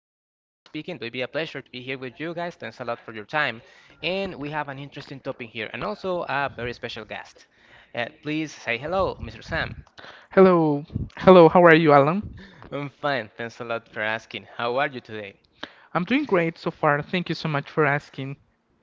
be a pleasure to be here with you guys. Thanks a lot for your time. And we have an interesting topic here, and also a very special guest. Please say hello, Mr. Sam. Hello, hello, how are you, Alan? I'm fine. Thanks a lot for asking. How are you today? I'm doing great so far. Thank you so much for asking.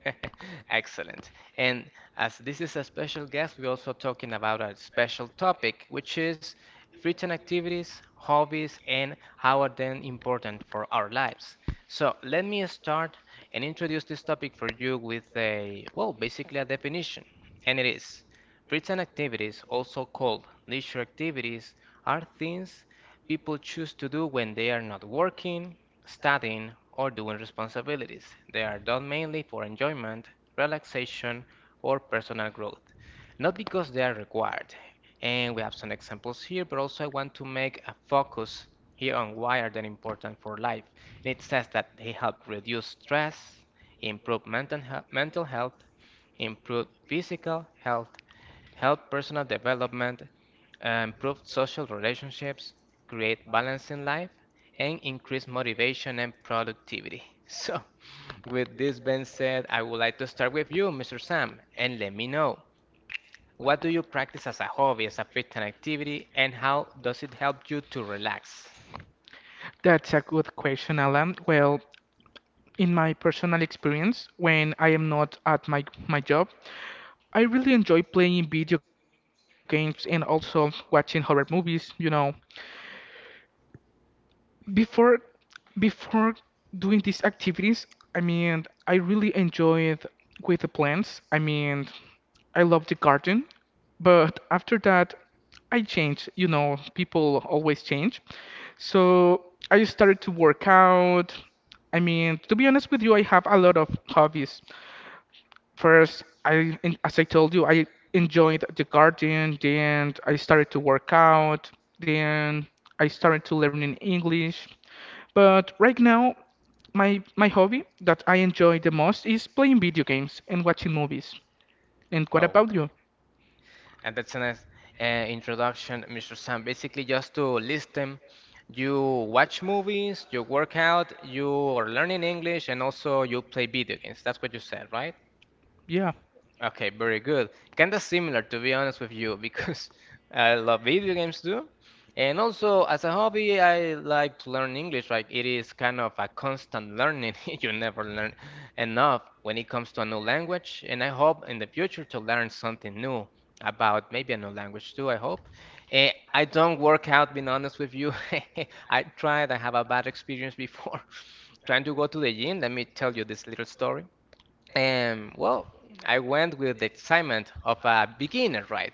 Excellent. And as this is a special guest, we're also talking about a special topic, which is free time activities, hobbies, and how are they important for our lives. So let me start and introduce this topic for you with a, well, basically a definition. And it is free time activities, also called leisure activities, are things people choose to do when they are not working, studying, or doing responsibilities. They are done mainly for enjoyment, relaxation, or personal growth, not because they are required. And we have some examples here, but also I want to make a focus here on why are they important for life. And it says that they help reduce stress, improve mental, mental health, improve physical health, help personal development, improve social relationships, create balance in life, and increase motivation and productivity. So, with this being said, I would like to start with you, Mr. Sam, and let me know what do you practice as a hobby, as a free time activity, and how does it help you to relax? That's a good question, Alan. Well, in my personal experience, when I am not at my job, I really enjoy playing video games and also watching horror movies. Before before doing these activities, I mean, I really enjoyed with the plants. I mean, I love the garden, but after that, I changed. People always change. So I started to work out. I mean, to be honest with you, I have a lot of hobbies. First, as I told you, I enjoyed the garden, then I started to work out, then I started to learn in English. But right now, my hobby that I enjoy the most is playing video games and watching movies. And what about Okay. you? And that's a nice introduction, Mr. Sam. Basically, just to list them, you watch movies, you work out, you are learning English, and also you play video games. That's what you said, right? Yeah. Okay, very good. Kinda similar, to be honest with you, because I love video games too. And also, as a hobby, I like to learn English. Like, it is kind of a constant learning. You never learn enough when it comes to a new language. And I hope in the future to learn something new about maybe a new language too, I hope. Eh, I don't work out, being honest with you. I tried, I have a bad experience before trying to go to the gym. Let me tell you this little story. And well, I went with the excitement of a beginner, right?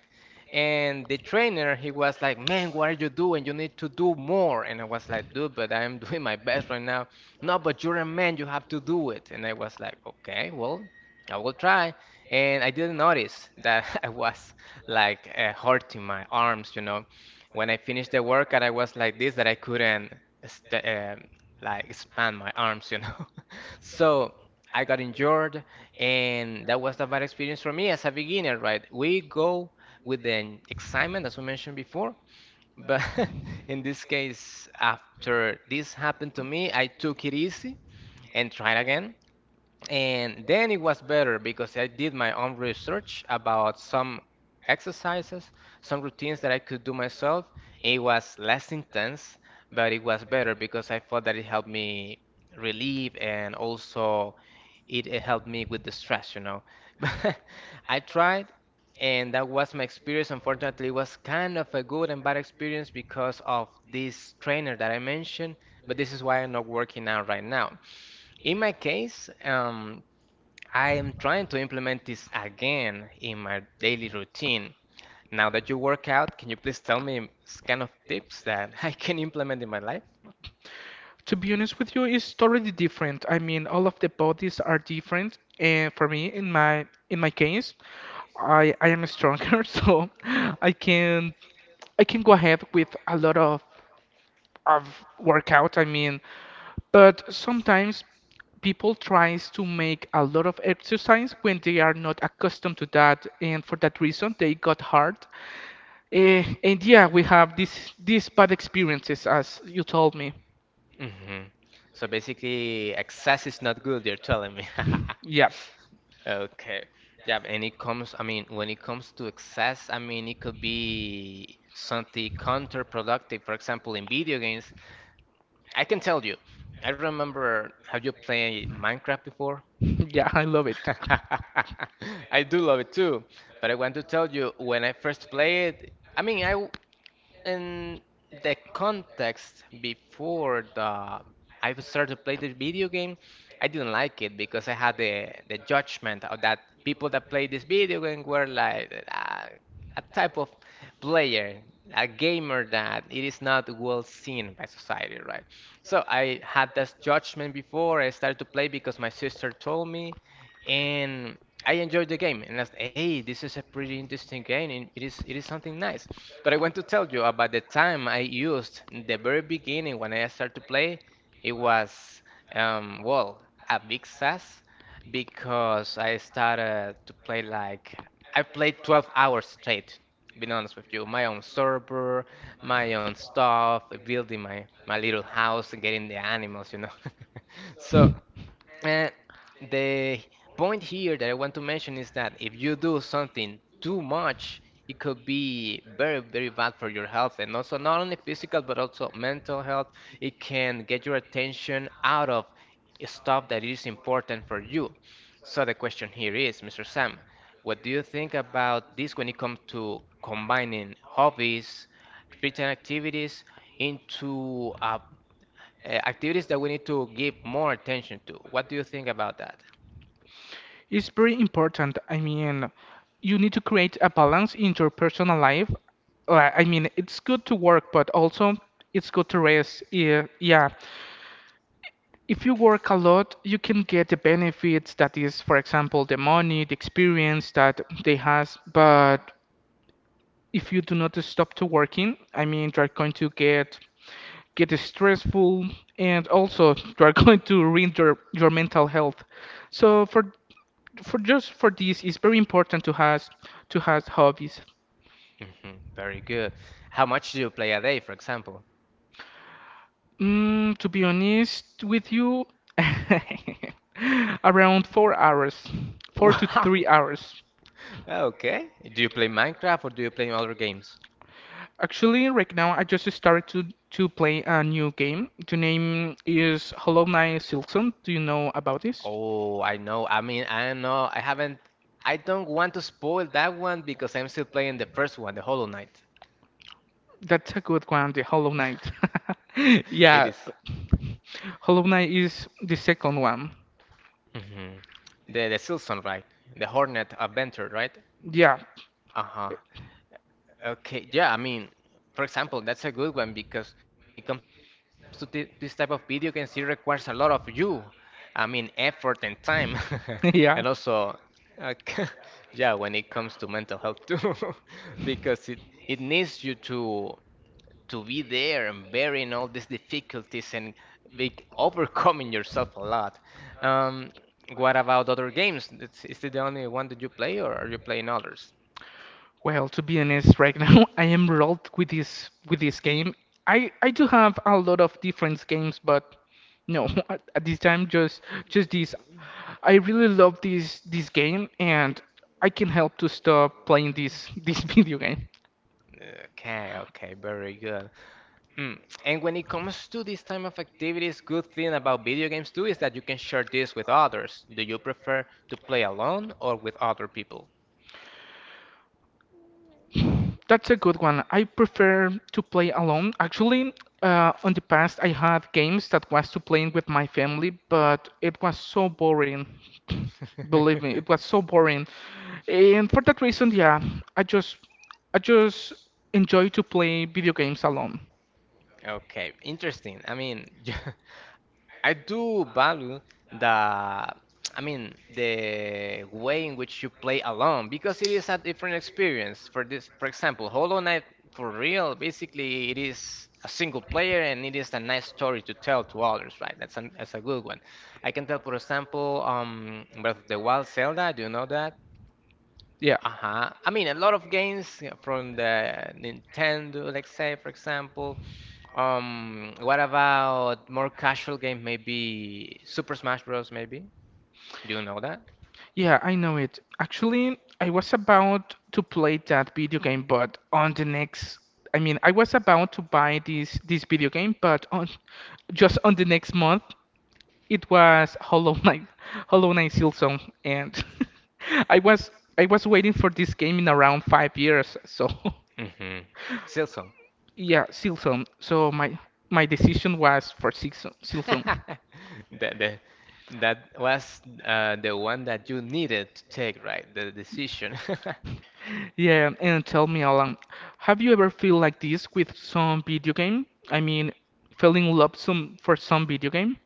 And the trainer, he was like, "Man, what are you doing? You need to do more." And I was like, "Dude, but I'm doing my best right now." "No, but you're a man, you have to do it." And I was like, "Okay, well, I will try." And I didn't notice that I was like hurting my arms. When I finished the workout, I was like this that I couldn't st like expand my arms. So I got injured and that was a bad experience for me as a beginner, right? We go with the excitement, as we mentioned before, but in this case, after this happened to me, I took it easy and tried again. And then it was better because I did my own research about some exercises, some routines that I could do myself. It was less intense, but it was better because I thought that it helped me relieve and also it helped me with the stress. But I tried, and that was my experience. Unfortunately, it was kind of a good and bad experience because of this trainer that I mentioned, but this is why I'm not working out right now. In my case, I am trying to implement this again in my daily routine. Now that you work out, can you please tell me kind of tips that I can implement in my life? To be honest with you, it's totally different. I mean, all of the bodies are different. And for me, in my case, I am stronger, so I can I can go ahead with a lot of workout. I mean, but sometimes people tries to make a lot of exercise when they are not accustomed to that, and for that reason they got hurt. And yeah, we have this these bad experiences, as you told me. Hmm. So basically, excess is not good, you're telling me. Yeah. Okay. Yeah, and it comes, I mean, when it comes to excess, I mean, it could be something counterproductive. For example, in video games, I can tell you, I remember, have you played Minecraft before? Yeah, I love it. I do love it too, but I want to tell you, when I first played, I mean, I in the context before the I started to play the video game, I didn't like it because I had the judgment of that people that played this video game were like a type of player, a gamer that it is not well seen by society, right? So I had this judgment before I started to play because my sister told me, and I enjoyed the game and I said, hey, this is a pretty interesting game and it is something nice. But I want to tell you about the time I used in the very beginning when I started to play, it was well, a big success because I started to play like I played 12 hours straight, being honest with you, my own server, my own stuff, building my little house and getting the animals, you know. So and the point here that I want to mention is that if you do something too much, it could be very, very bad for your health and also not only physical but also mental health. It can get your attention out of stuff that is important for you. So the question here is, Mr. Sam, what do you think about this when it comes to combining hobbies, free time activities into a activities that we need to give more attention to. What do you think about that? It's very important. I mean, you need to create a balance in your personal life. I mean, it's good to work, but also it's good to rest. Yeah, yeah. If you work a lot, you can get the benefits that is, for example, the money, the experience that they has. But if you do not stop to working, I mean, you're going to get stressful and also you are going to ruin your mental health. So for this, it's very important to has hobbies. Hmm. Very good. How much do you play a day, for example? To be honest with you, around 4 hours, four to Wow. three hours. Okay. Do you play Minecraft or do you play other games? Actually, right now I just started to play a new game. The name is Hollow Knight Silksong. Do you know about this? Oh, I know. I mean, I know. I haven't. I don't want to spoil that one because I'm still playing the first one, the Hollow Knight. That's a good one, the Hollow Knight. It is. Yeah, Hollow Knight is the second one. Mhm. The Silson, right? The Hornet Adventure, right? Yeah, Uh-huh. Okay, yeah, I mean, for example, that's a good one because when it comes to this type of video games, it requires a lot of you. I mean, effort and time. And yeah. also, uh, yeah, when it comes to mental health too, because it needs you to be there and bearing all these difficulties and be overcoming yourself a lot. Um, what about other games? Is it the only one that you play, or are you playing others? Well, to be honest, right now I am rolled with this game. I do have a lot of different games, but no, at this time just this. I really love this game, and I can't help to stop playing this this video game. Okay, okay, very good. Mm. And when it comes to this time of activities, good thing about video games too is that you can share this with others. Do you prefer to play alone or with other people? That's a good one. I prefer to play alone. Actually, in the past, I had games that was to playing with my family, but it was so boring. Believe me, it was so boring. And for that reason, yeah, I just, I just enjoy to play video games alone. Okay, interesting. I mean, I do value the, I mean, the way in which you play alone because it is a different experience. For this, for example, Hollow Knight for real, basically it is a single player and it is a nice story to tell to others, right? That's a good one. I can tell, for example, Breath of the Wild, Zelda. Do you know that? Yeah. Uh-huh. I mean, a lot of games from the Nintendo, let's say, for example. What about more casual game? Maybe Super Smash Bros. Maybe you know that? Yeah, I know it. Actually, I was about to play that video game, but on the next, I mean, I was about to buy this video game, but on just on the next month, it was Hollow Knight, Hollow Knight Silksong, and I was I was waiting for this game in around 5 years, so Mm-hmm. Silsong. yeah, Silksong. So my decision was for Silksong. Silksong. That the, that was the one that you needed to take, right? The decision. Yeah, and tell me, Alan, have you ever feel like this with some video game? I mean, fell in love some for some video game?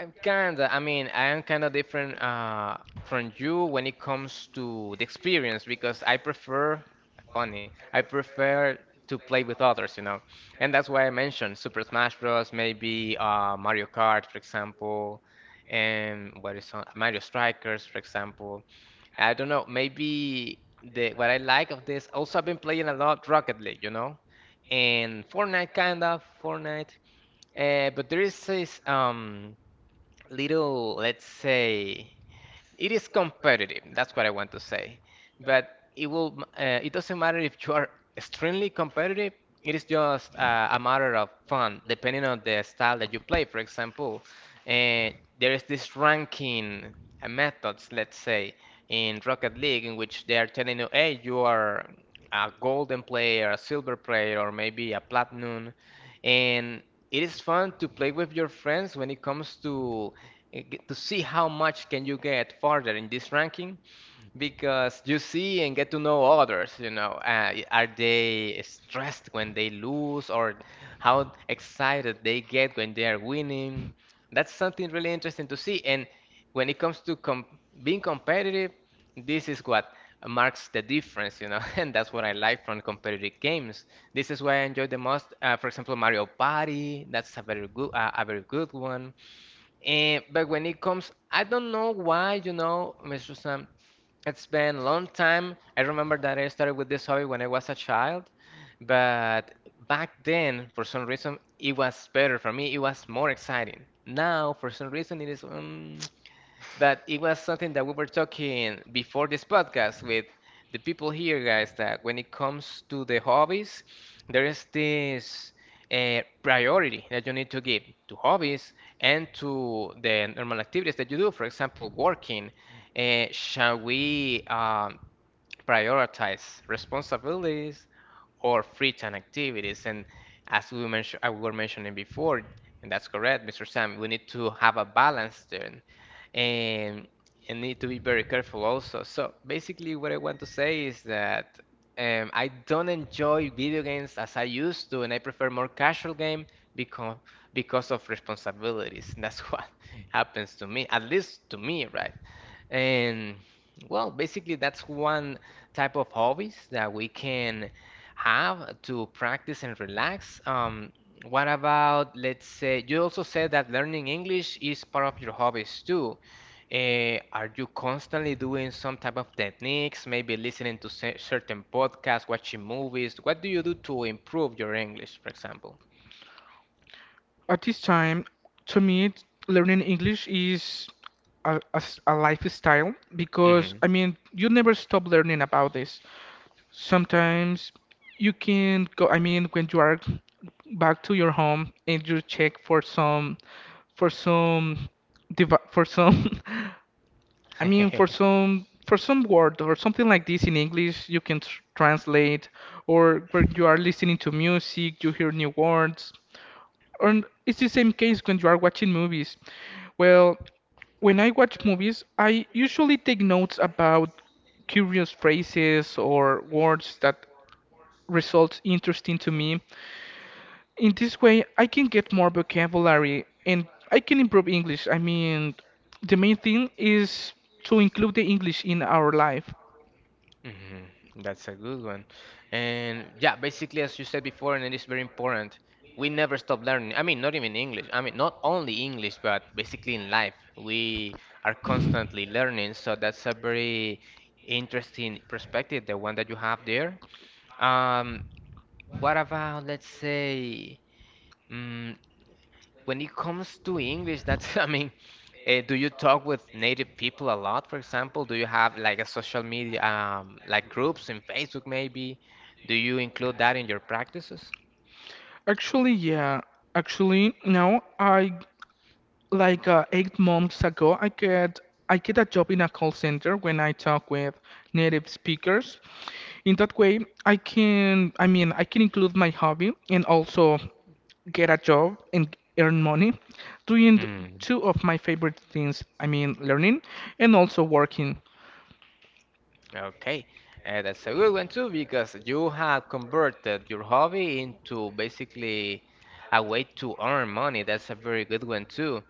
I'm kinda, I mean, I am kinda different from you when it comes to the experience because I prefer, funny, I prefer to play with others, you know. And that's why I mentioned Super Smash Bros., maybe Mario Kart, for example, and what is on, Mario Strikers, for example. I don't know, maybe the what I like of this, also I've been playing a lot Rocket League, you know, and Fortnite, kind of, Fortnite. But there is this. Little, let's say, it is competitive. That's what I want to say. But it will, it doesn't matter if you are extremely competitive. It is just a matter of fun, depending on the style that you play. For example, uh, there is this ranking methods, let's say, in Rocket League, in which they are telling you, hey, you are a golden player, a silver player, or maybe a platinum and it is fun to play with your friends when it comes to to see how much can you get farther in this ranking because you see and get to know others, you know, y- are they stressed when they lose or how excited they get when they are winning? That's something really interesting to see. And when it comes to com being competitive, this is what marks the difference, you know, and that's what I like from competitive games. This is what I enjoy the most. For example, Mario Party, that's a very good one. And but when it comes, I don't know why, Mr. Sam, it's been a long time. I remember that I started with this hobby when I was a child, but back then, for some reason, it was better for me. It was more exciting. Now, for some reason, it is. But it was something that we were talking before this podcast with the people here, guys, that when it comes to the hobbies, there is this priority that you need to give to hobbies and to the normal activities that you do. For example, working. Shall we prioritize responsibilities or free time activities? And as we mentioned, I were mentioning before, and that's correct, Mr. Sam, we need to have a balance there, and and need to be very careful also. So basically, what I want to say is that I don't enjoy video games as I used to, and I prefer more casual game because because of responsibilities. And that's what happens to me, at least to me, right? And well, basically, that's one type of hobbies that we can have to practice and relax. What about, let's say, you also said that learning English is part of your hobbies too. Are you constantly doing some type of techniques, maybe listening to certain podcasts, watching movies? What do you do to improve your English, for example? At this time, to me, learning English is a lifestyle because, Hmm. I mean, you never stop learning about this. Sometimes you can go, I mean, when you are back to your home and you check for some, for some. I mean, for some for some word or something like this in English, you can tr translate, or when you are listening to music, you hear new words. Or it's the same case when you are watching movies. Well, when I watch movies, I usually take notes about curious phrases or words that results interesting to me. In this way, I can get more vocabulary and I can improve English. I mean, the main thing is to include the English in our life. Mm-hmm. That's a good one. And yeah, basically, as you said before, and it is very important, we never stop learning. I mean, not even English. I mean, not only English, but basically in life, we are constantly learning. So that's a very interesting perspective, the one that you have there. Um, what about, let's say, mm when it comes to English, I mean, do you talk with native people a lot, for example? Do you have like a social media, like groups in Facebook maybe? Do you include that in your practices? Actually, yeah. Actually, now I like 8 months ago, I get a job in a call center when I talk with native speakers. In that way, I mean I can include my hobby and also get a job and earn money doing Hmm. two of my favorite things. I mean learning and also working. Okay, that's a good one too because you have converted your hobby into basically a way to earn money. That's a very good one too.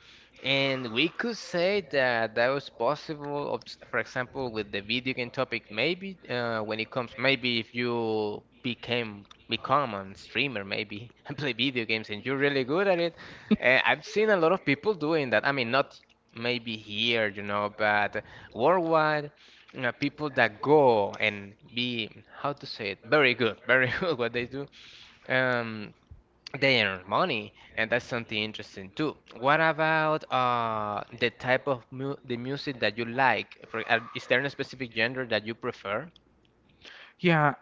And we could say that that was possible, for example, with the video game topic, maybe when it comes, maybe if you became become a streamer, maybe and play video games and you're really good at it. I've seen a lot of people doing that. I mean, not maybe here, but worldwide people that go and be how to say it very good very good what they do, um they earn money, and that's something interesting too. What about the type of mu the music that you like for is there a specific genre that you prefer? Yeah,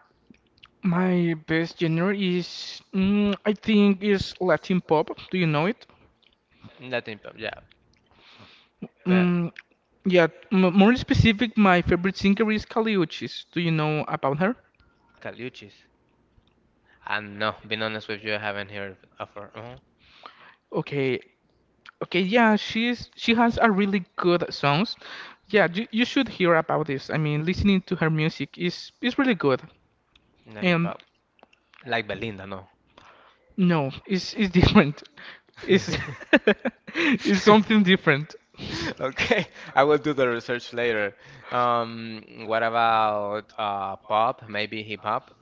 my best genre is I think is Latin pop. Do you know it? Latin pop? Yeah, but Mm, yeah, m more specific, my favorite singer is Kali Uchis. Do you know about her? Caliuchis, I, no, being honest with you, I haven't heard of her. Okay, okay, yeah, she has a really good songs. Yeah, you should hear about this. I mean, listening to her music is really good. Latin And pop like Belinda? No. no, it's different. It's it's something different. Okay, I will do the research later. What about pop? Maybe hip hop?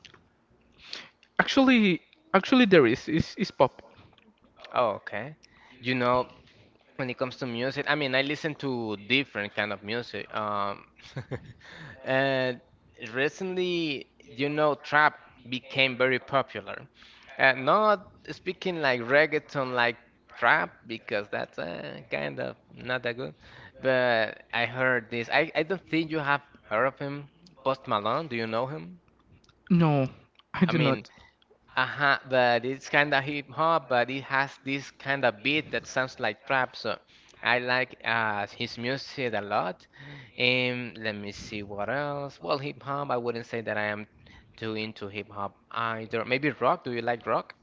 Actually, actually there is. It's pop. Oh, okay. You know, when it comes to music, I mean, I listen to different kind of music. And recently, trap became very popular. And not speaking like reggaeton, like trap, because that's kind of not that good. But I heard this. I don't think you have heard of him. Post Malone, do you know him? No, I I do mean, not. uh-huh, but it's kind of hip hop, but it has this kind of beat that sounds like trap. So I like his music a lot. And let me see what else. Well, hip hop, I wouldn't say that I am too into hip hop either. Maybe rock. Do you like rock?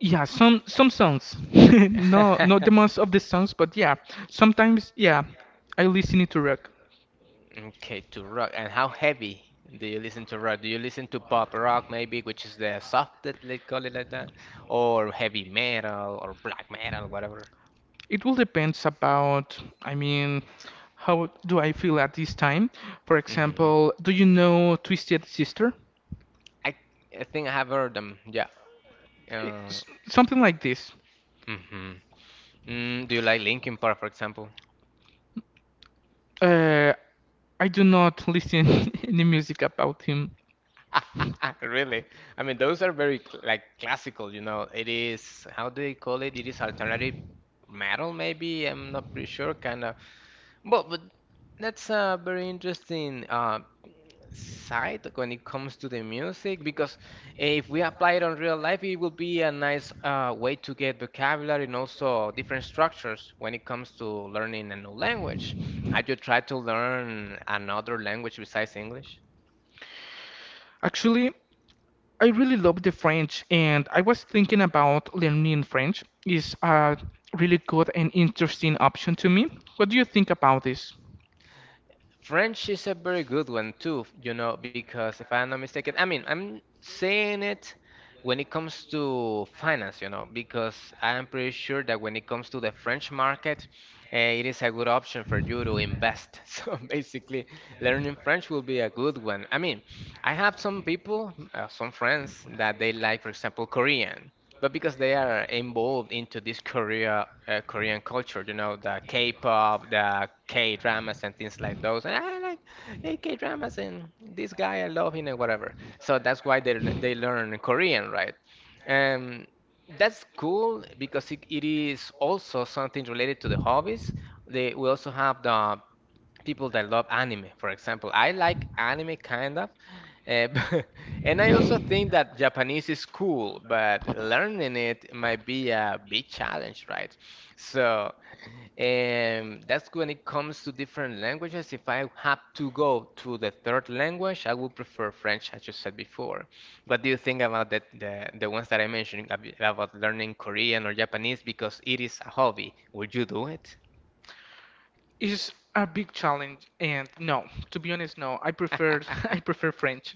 Yeah, some songs. No, not the most of the songs, but yeah, sometimes yeah, I listen it to rock. Okay, to rock. And how heavy do you listen to rock? Do you listen to pop rock maybe, which is the soft, let's call it like that, or heavy metal or black metal, whatever? It will depends about, I mean, how do I feel at this time? For Hmm. example, do you know Twisted Sister? I, I think I have heard them. Yeah. Uh, It's something like this. mhm. Do you like Linkin Park, for example? Uh, I do not listen any music about him. Really? I mean, those are very like classical. It is, how do they call it? It is alternative metal, maybe. I'm not pretty sure, kind of. But that's a very interesting side when it comes to the music because if we apply it on real life, it will be a nice way to get vocabulary and also different structures when it comes to learning a new language. Have you tried to learn another language besides English? Actually, I really love the French, and I was thinking about learning French. Is a really good and interesting option to me. What do you think about this? French is a very good one too, because if I'm not mistaken, I mean, I'm saying it when it comes to finance, because I'm pretty sure that when it comes to the French market, it is a good option for you to invest. So basically, learning French will be a good one. I mean, I have some people, some friends that they like, for example, Korean, but because they are involved into this Korean culture, the K-pop, the K-dramas and things like those. And I like K-dramas, and this guy I love him and whatever. So that's why they learn Korean, right? Um, that's cool because it is also something related to the hobbies. They we also have the people that love anime, for example. I like anime kind of, uh, and I also think that Japanese is cool, but learning it might be a big challenge, right? So, that's when it comes to different languages. If I have to go to the third language, I would prefer French, as you said before. What do you think about the ones that I mentioned about learning Korean or Japanese because it is a hobby? Would you do it? Is a big challenge, and no, to be honest, no. I prefer I prefer French.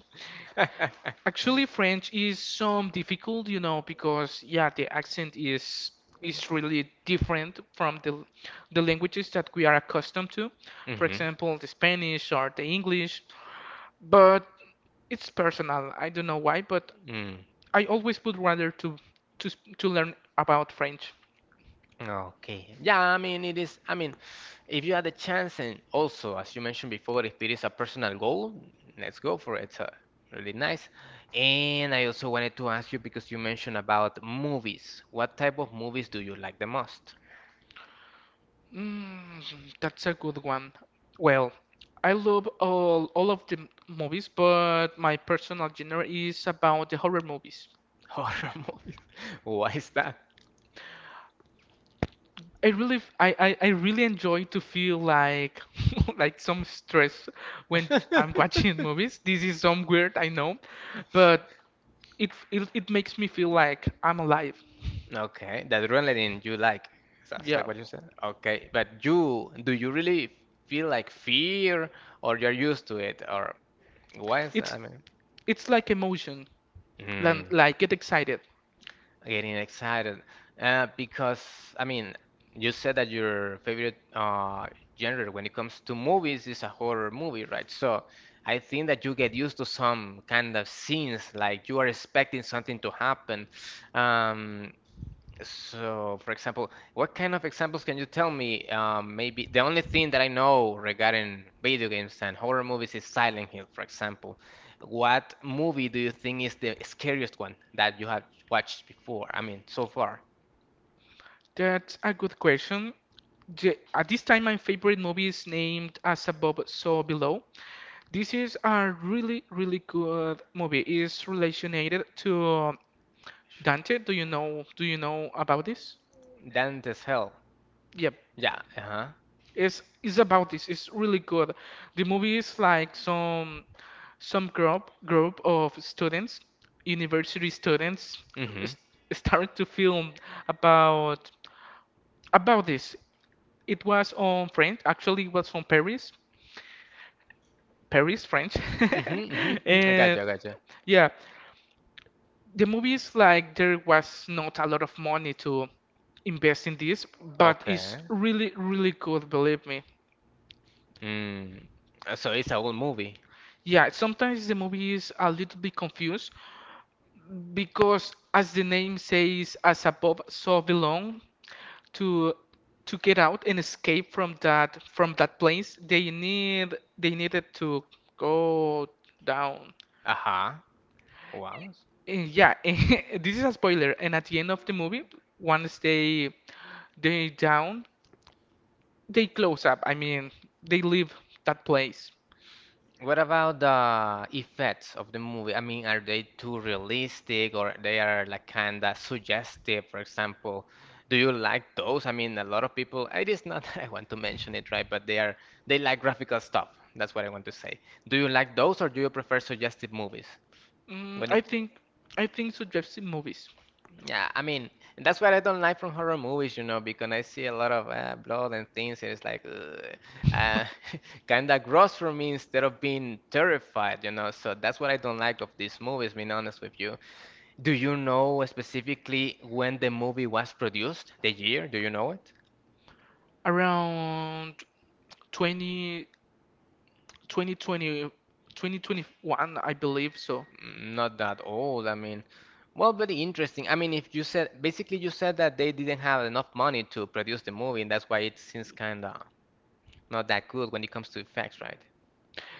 Actually, French is some difficult, because yeah, the accent is really different from the languages that we are accustomed to. For Mm-hmm. example, the Spanish or the English. But it's personal. I don't know why, but Mm, I always would rather to learn about French. okay. Yeah, I mean, it is. I mean, if you had the chance, and also, as you mentioned before, if it is a personal goal, let's go for it. It's really nice. And I also wanted to ask you because you mentioned about movies. What type of movies do you like the most? That's a good one. Well, I love all of the movies, but my personal genre is about the horror movies. Horror movies. Why is that? I really f- I really enjoy to feel like like some stress when I'm watching movies. This is some weird, I know, but it, f- it makes me feel like I'm alive. Okay, that adrenaline you like. That's Yeah. like what you said. Okay, but you do you really feel like fear, or you're used to it, or why is that? It's I mean, it's like emotion, mm, like get excited. getting excited. Because I mean, you said that your favorite genre when it comes to movies is a horror movie, right? So I think that you get used to some kind of scenes, like you are expecting something to happen. Um, So, for example, what kind of examples can you tell me? Maybe the only thing that I know regarding video games and horror movies is Silent Hill, for example. What movie do you think is the scariest one that you have watched before? I mean, so far. That's a good question. At this time, my favorite movie is named As Above, So Below. This is a really, really good movie. It's related to Dante. Do you know? Do you know about this? Dante's Hell. Yep. Yeah, uh-huh. Is about this. It's really good. The movie is like some group of students, university students, Mm-hmm. s- started to film about about this. It was on French. Actually, it was from Paris French, Mm-hmm, mm-hmm. I and gotcha. I gotcha. yeah, the movie is like there was not a lot of money to invest in this, but it's Okay. really good. Believe me. Mm. So it's a old movie. Yeah, sometimes the movie is a little bit confused because, as the name says, as above, so belong to to get out and escape from that place. They needed to go down. Uh-huh. Wow. And yeah, this is a spoiler. And at the end of the movie, once they down, they close up. I mean, they leave that place. What about the effects of the movie? I mean, are they too realistic or they are like kinda suggestive, for example? Do you like those? I mean, a lot of people, it is not that I want to mention it, right? But they like graphical stuff. That's what I want to say. Do you like those or do you prefer suggestive movies? Mm, When I it think I think suggestive movies Yeah, I mean, that's what I don't like from horror movies, because I see a lot of blood and things, and it's like ugh, uh, kind of gross for me instead of being terrified. So that's what I don't like of these movies, being honest with you. Do you know specifically when the movie was produced? The year? Do you know it? around. 20, 2020, 2021, I believe so. Mm, not that old, I mean. Well, very interesting. I mean, if you said, basically, you said that they didn't have enough money to produce the movie, and that's why it seems kind of not that good when it comes to effects, right?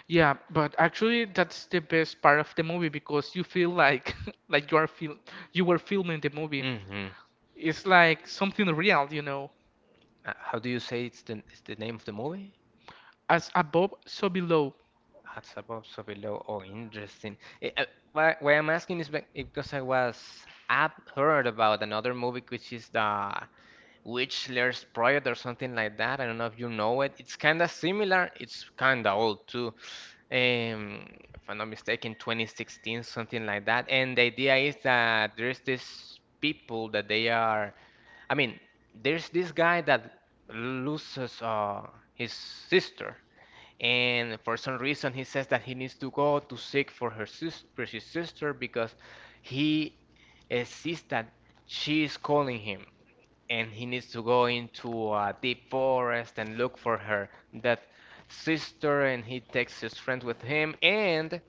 Yeah, but actually that's the best part of the movie because you feel like like you are feel you were filming the movie. Hmm. It's like something real. How do you say it's the name of the movie? As above, so below. Hats above, so below. Oh, interesting. Why I'm asking is because I've heard about another movie which is the Witchler's Project or something like that. I don't know if you know it. It's kind of similar. It's kind of old too. Um, if I'm not mistaken, 2016, something like that. And the idea is that there's this people that they are I mean, there's this guy that loses his sister, and for some reason he says that he needs to go to seek for her sis for his sister because he sees that she is calling him, and he needs to go into a deep forest and look for her dead sister, and he takes his friend with him, and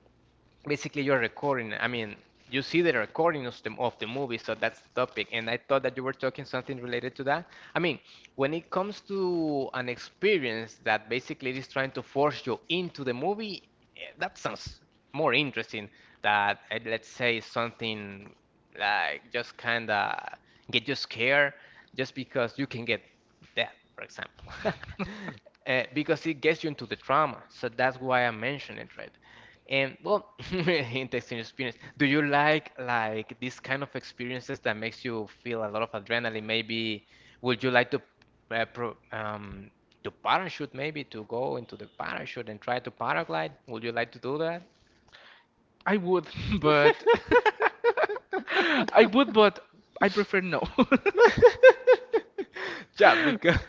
basically you see the recording of the movie. So that's the topic, and I thought that you were talking something related to that. I mean, when it comes to an experience that basically is trying to force you into the movie, that sounds more interesting than, let's say something like just kind of get you scared just because you can get dead, for example. Because it gets you into the trauma, so that's why I mentioned it, right? And well, interesting experience. Do you like these kind of experiences that makes you feel a lot of adrenaline? Maybe would you like to uh, pro, um, to parachute? Maybe to go into the parachute and try to paraglide? Would you like to do that? I would, but I would, but I prefer no. Yeah, because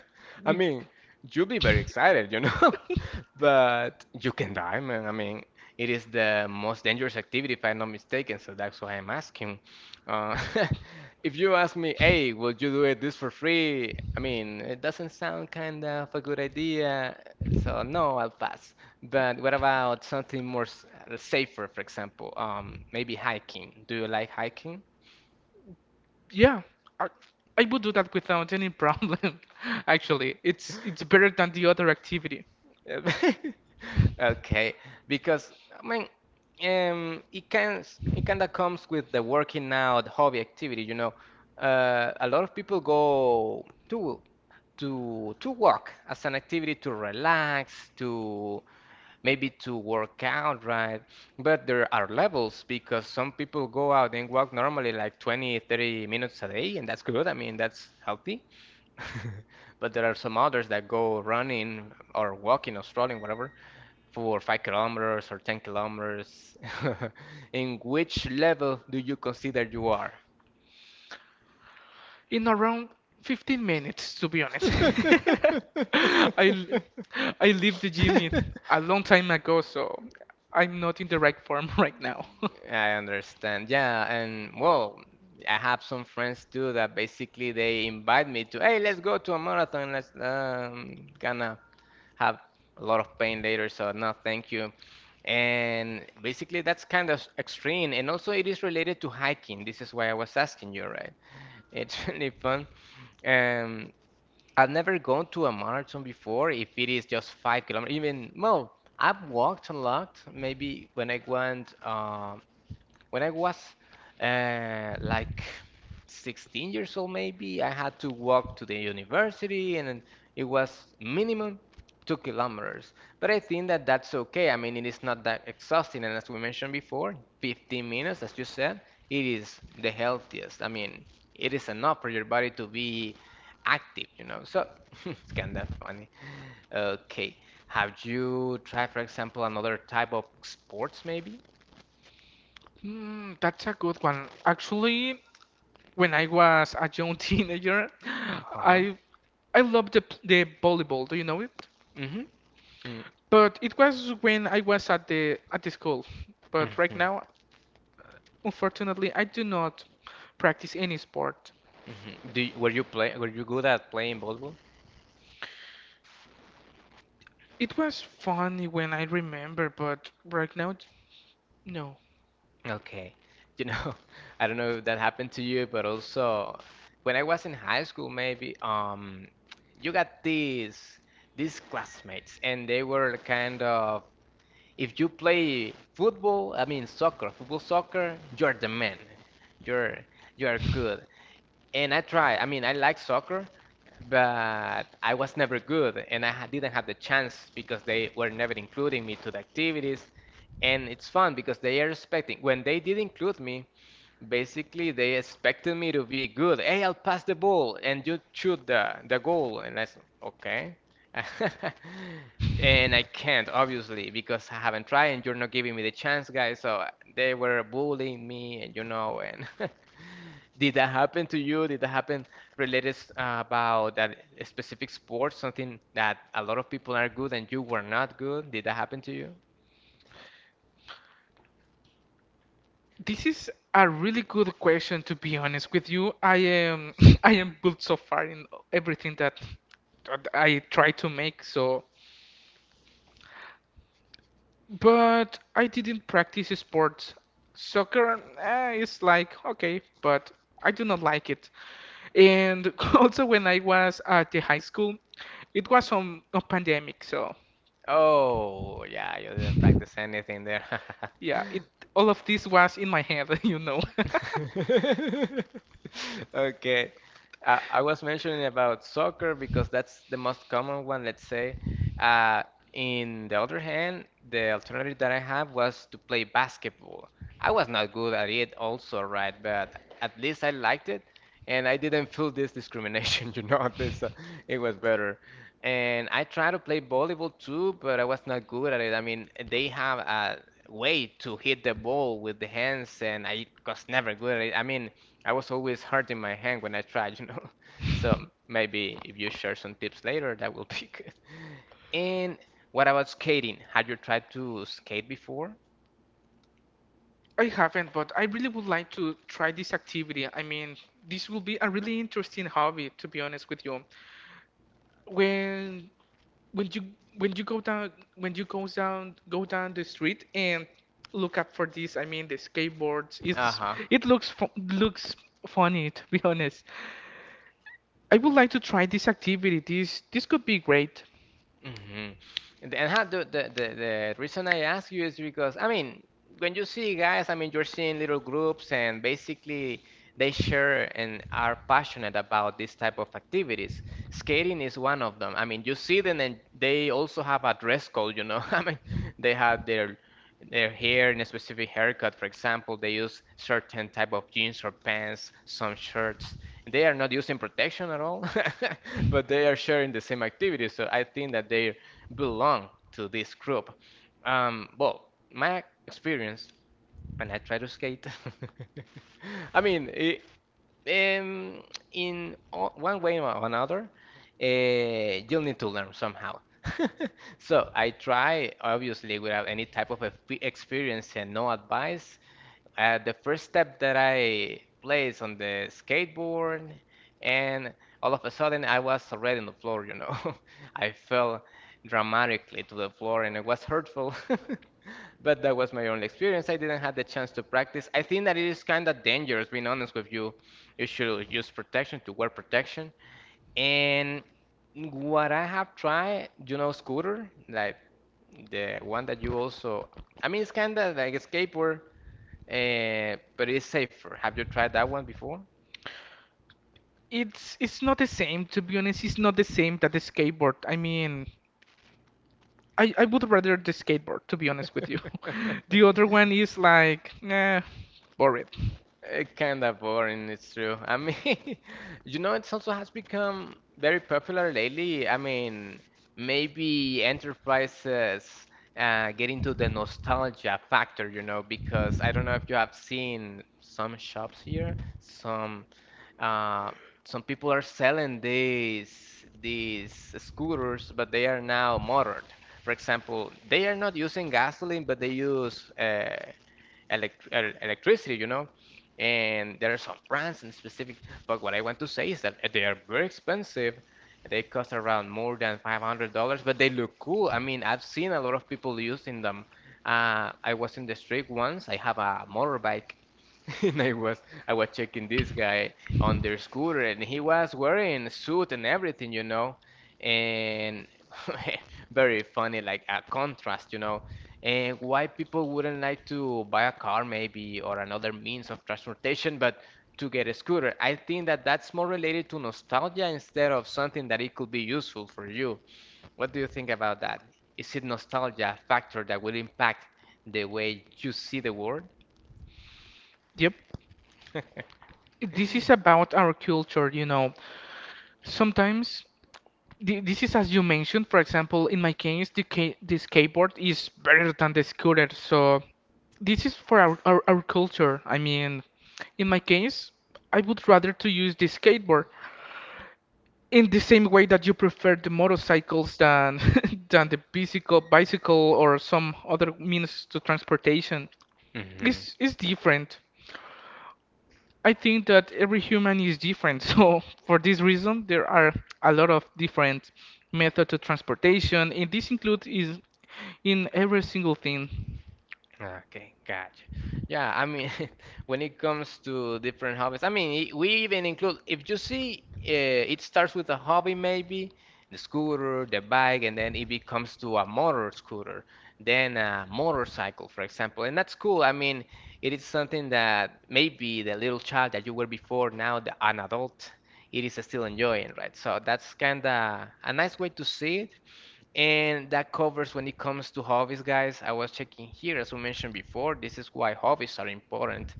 I Be- mean, you'll be very excited, but you can die, man. I mean, it is the most dangerous activity, if I'm not mistaken, so that's why I'm asking. Uh, if you ask me, hey, will you do it this for free? I mean, it doesn't sound kind of a good idea, so no, I'll pass. But what about something more safer, for example, maybe hiking? Do you like hiking? Yeah, I, I would do that without any problem. Actually, it's better than the other activity. Okay, because I mean, it can — it kind of comes with the working out hobby activity. You know, a lot of people go to to walk as an activity to relax, to maybe to work out, right? But there are levels, because some people go out and walk normally like 20, 30 minutes a day, and that's good. I mean, that's healthy. But there are some others that go running or walking or strolling, whatever, for 5 kilometers or 10 kilometers. In which level do you consider you are? In around 15 minutes, to be honest. I l- I leave the gym in a long time ago, so I'm not in the right form right now. I understand. Yeah, and well, I have some friends too that basically they invite me to, hey, let's go to a marathon. Let's gonna have a lot of pain later, so no, thank you. And basically, that's kind of extreme, and also it is related to hiking. This is why I was asking you, right? It's really fun. Um, I've never gone to a marathon before, if it is just 5 kilometers, even well, I've walked a lot, maybe when I went when I was like 16 years old, maybe, I had to walk to the university and it was minimum 2 kilometers. But I think that that's okay. I mean, it is not that exhausting. And as we mentioned before, 15 minutes, as you said, it is the healthiest. I mean, it is enough for your body to be active, you know. So it's kind of funny. Okay. Have you tried, for example, another type of sports maybe? That's a good one. Actually, when I was a young teenager, Uh-huh. I I loved the volleyball. Do you know it? Mm, But it was when I was at the school. But right mhm, now, unfortunately, I do not practice any sport. mhm. Do you, were you play were you good at playing volleyball? It was funny when I remember, but right now, no. Okay. You know, I don't know if that happened to you, but also when I was in high school, maybe you got these classmates, and they were kind of — if you play football, I mean soccer, football soccer, you're the man, you're you're good. And I try. I mean, I like soccer, but I was never good and I didn't have the chance because they were never including me to the activities. And it's fun because they are expecting, when they did include me, basically, they expected me to be good. Hey, I'll pass the ball and you shoot the goal. And I said, okay. And I can't, obviously, because I haven't tried and you're not giving me the chance, guys. So they were bullying me, and you know, and did that happen to you? Did that happen related about that specific sport, something that a lot of people are good and you were not good? Did that happen to you? This is a really good question, to be honest with you. I am I am good so far in everything that I try to make, so but I didn't practice sports. Soccer is like okay, but I do not like it. And also when I was at the high school, it was on a pandemic, so Oh, yeah, you didn't practice anything there. yeah, it all of this was in my head, you know. Okay. I was mentioning about soccer because that's the most common one, let's say. Uh, in the other hand, the alternative that I have was to play basketball. I was not good at it also, right? But at least I liked it and I didn't feel this discrimination, you know, at least it was better. And I tried to play volleyball too, but I was not good at it. I mean, they have way to hit the ball with the hands, and I was never good at it. I mean, I was always hurting my hand when I tried, you know. So maybe if you share some tips later, that will be good. And what about skating? Had you tried to skate before? I haven't, but I really would like to try this activity. I mean, this will be a really interesting hobby, to be honest with you. When when you go down the street and look up for this, I mean the skateboards, it's Uh-huh. it looks fu looks funny to be honest. I would like to try this activity. This could be great. Hmm. And then how do- the reason I ask you is because, I mean, when you see guys, I mean, you're seeing little groups and basically they share and are passionate about this type of activities. Skating is one of them. I mean, you see them and they also have a dress code, you know. I mean, they have their hair in a specific haircut. For example, they use certain type of jeans or pants, some shirts, they are not using protection at all, but they are sharing the same activities. So I think that they belong to this group. Well, my experience when I try to skate, I mean, I um, in one way or another, you'll need to learn somehow. So I try, obviously, without any type of experience and no advice, the first step that I placed on the skateboard, and all of a sudden I was already on the floor, you know. I fell dramatically to the floor and it was hurtful. But that was my only experience. I didn't have the chance to practice. I think that it is kind of dangerous, being honest with you. You should use protection to wear protection. And what I have tried, you know, scooter, like the one that you also, I mean, it's kind of like a skateboard but it's safer. Have you tried that one before? It's not the same to be honest. It's not the same that the skateboard. I mean, I would rather the skateboard to be honest with you. The other one is like nah, boring. It's kind of boring, it's true. I mean, you know, it also has become very popular lately. I mean, maybe enterprises get into the nostalgia factor, you know, because I don't know if you have seen some shops here, Uh, some people are selling these scooters, but they are now motored. For example, they are not using gasoline, but they use electricity, you know. And there are some brands in specific, but what I want to say is that they are very expensive. They cost around more than $500, but they look cool. I mean, I've seen a lot of people using them. I was in the street once. I have a motorbike, and I was checking this guy on their scooter, and he was wearing a suit and everything, you know, and very funny, like a contrast, you know. And why people wouldn't like to buy a car maybe or another means of transportation but to get a scooter? I think that that's more related to nostalgia instead of something that it could be useful for you. What do you think about that? Is it nostalgia a factor that will impact the way you see the world? Yep. This is about our culture. Sometimes this is as you mentioned, for example, in my case, the skateboard is better than the scooter. So this is for our culture. I mean, in my case, I would rather to use the skateboard in the same way that you prefer the motorcycles than than the bicycle or some other means to transportation. Hmm. It's different. I think that every human is different. So for this reason, there are a lot of different methods of transportation, and this includes is in every single thing. Okay, gotcha. Yeah, I mean, when it comes to different hobbies, I mean, we even include, if you see, it starts with a hobby maybe, the scooter, the bike, and then it becomes to a motor scooter, then a motorcycle, for example. And that's cool. I mean, it is something that maybe the little child that you were before, now an adult, it is still enjoying, right? So that's kind of a nice way to see it. And that covers when it comes to hobbies, guys. I was checking here, as we mentioned before, this is why hobbies are important.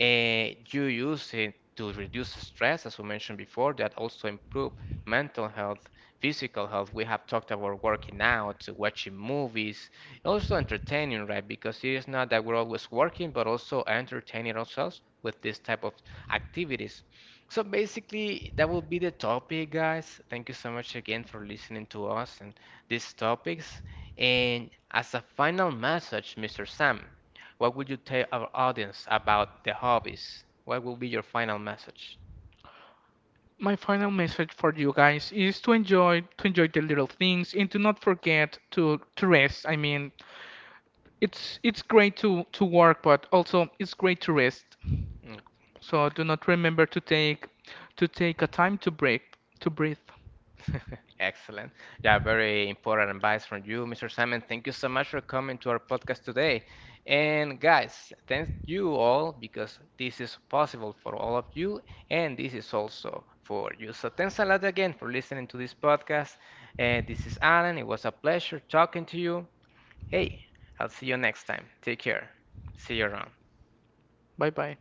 You use it to reduce stress, as we mentioned before, that also improve mental health, physical health. We have talked about working out, watching movies, also entertaining, right? Because it is not that we're always working, but also entertaining ourselves with this type of activities. So basically, that will be the topic, guys. Thank you so much again for listening to us and these topics. And as a final message, Mr. Sam, what would you tell our audience about the hobbies? What will be your final message? My final message for you guys is to enjoy the little things and to not forget to rest. I mean, it's great to work, but also it's great to rest. Mm. So do not remember to take a time to breathe. Excellent. Yeah, very important advice from you, Mr. Simon. Thank you so much for coming to our podcast today. And guys, thank you all because this is possible for all of you, and this is also for you. So thanks a lot again for listening to this podcast. This is Alan. It was a pleasure talking to you. Hey, I'll see you next time. Take care. See you around. Bye bye.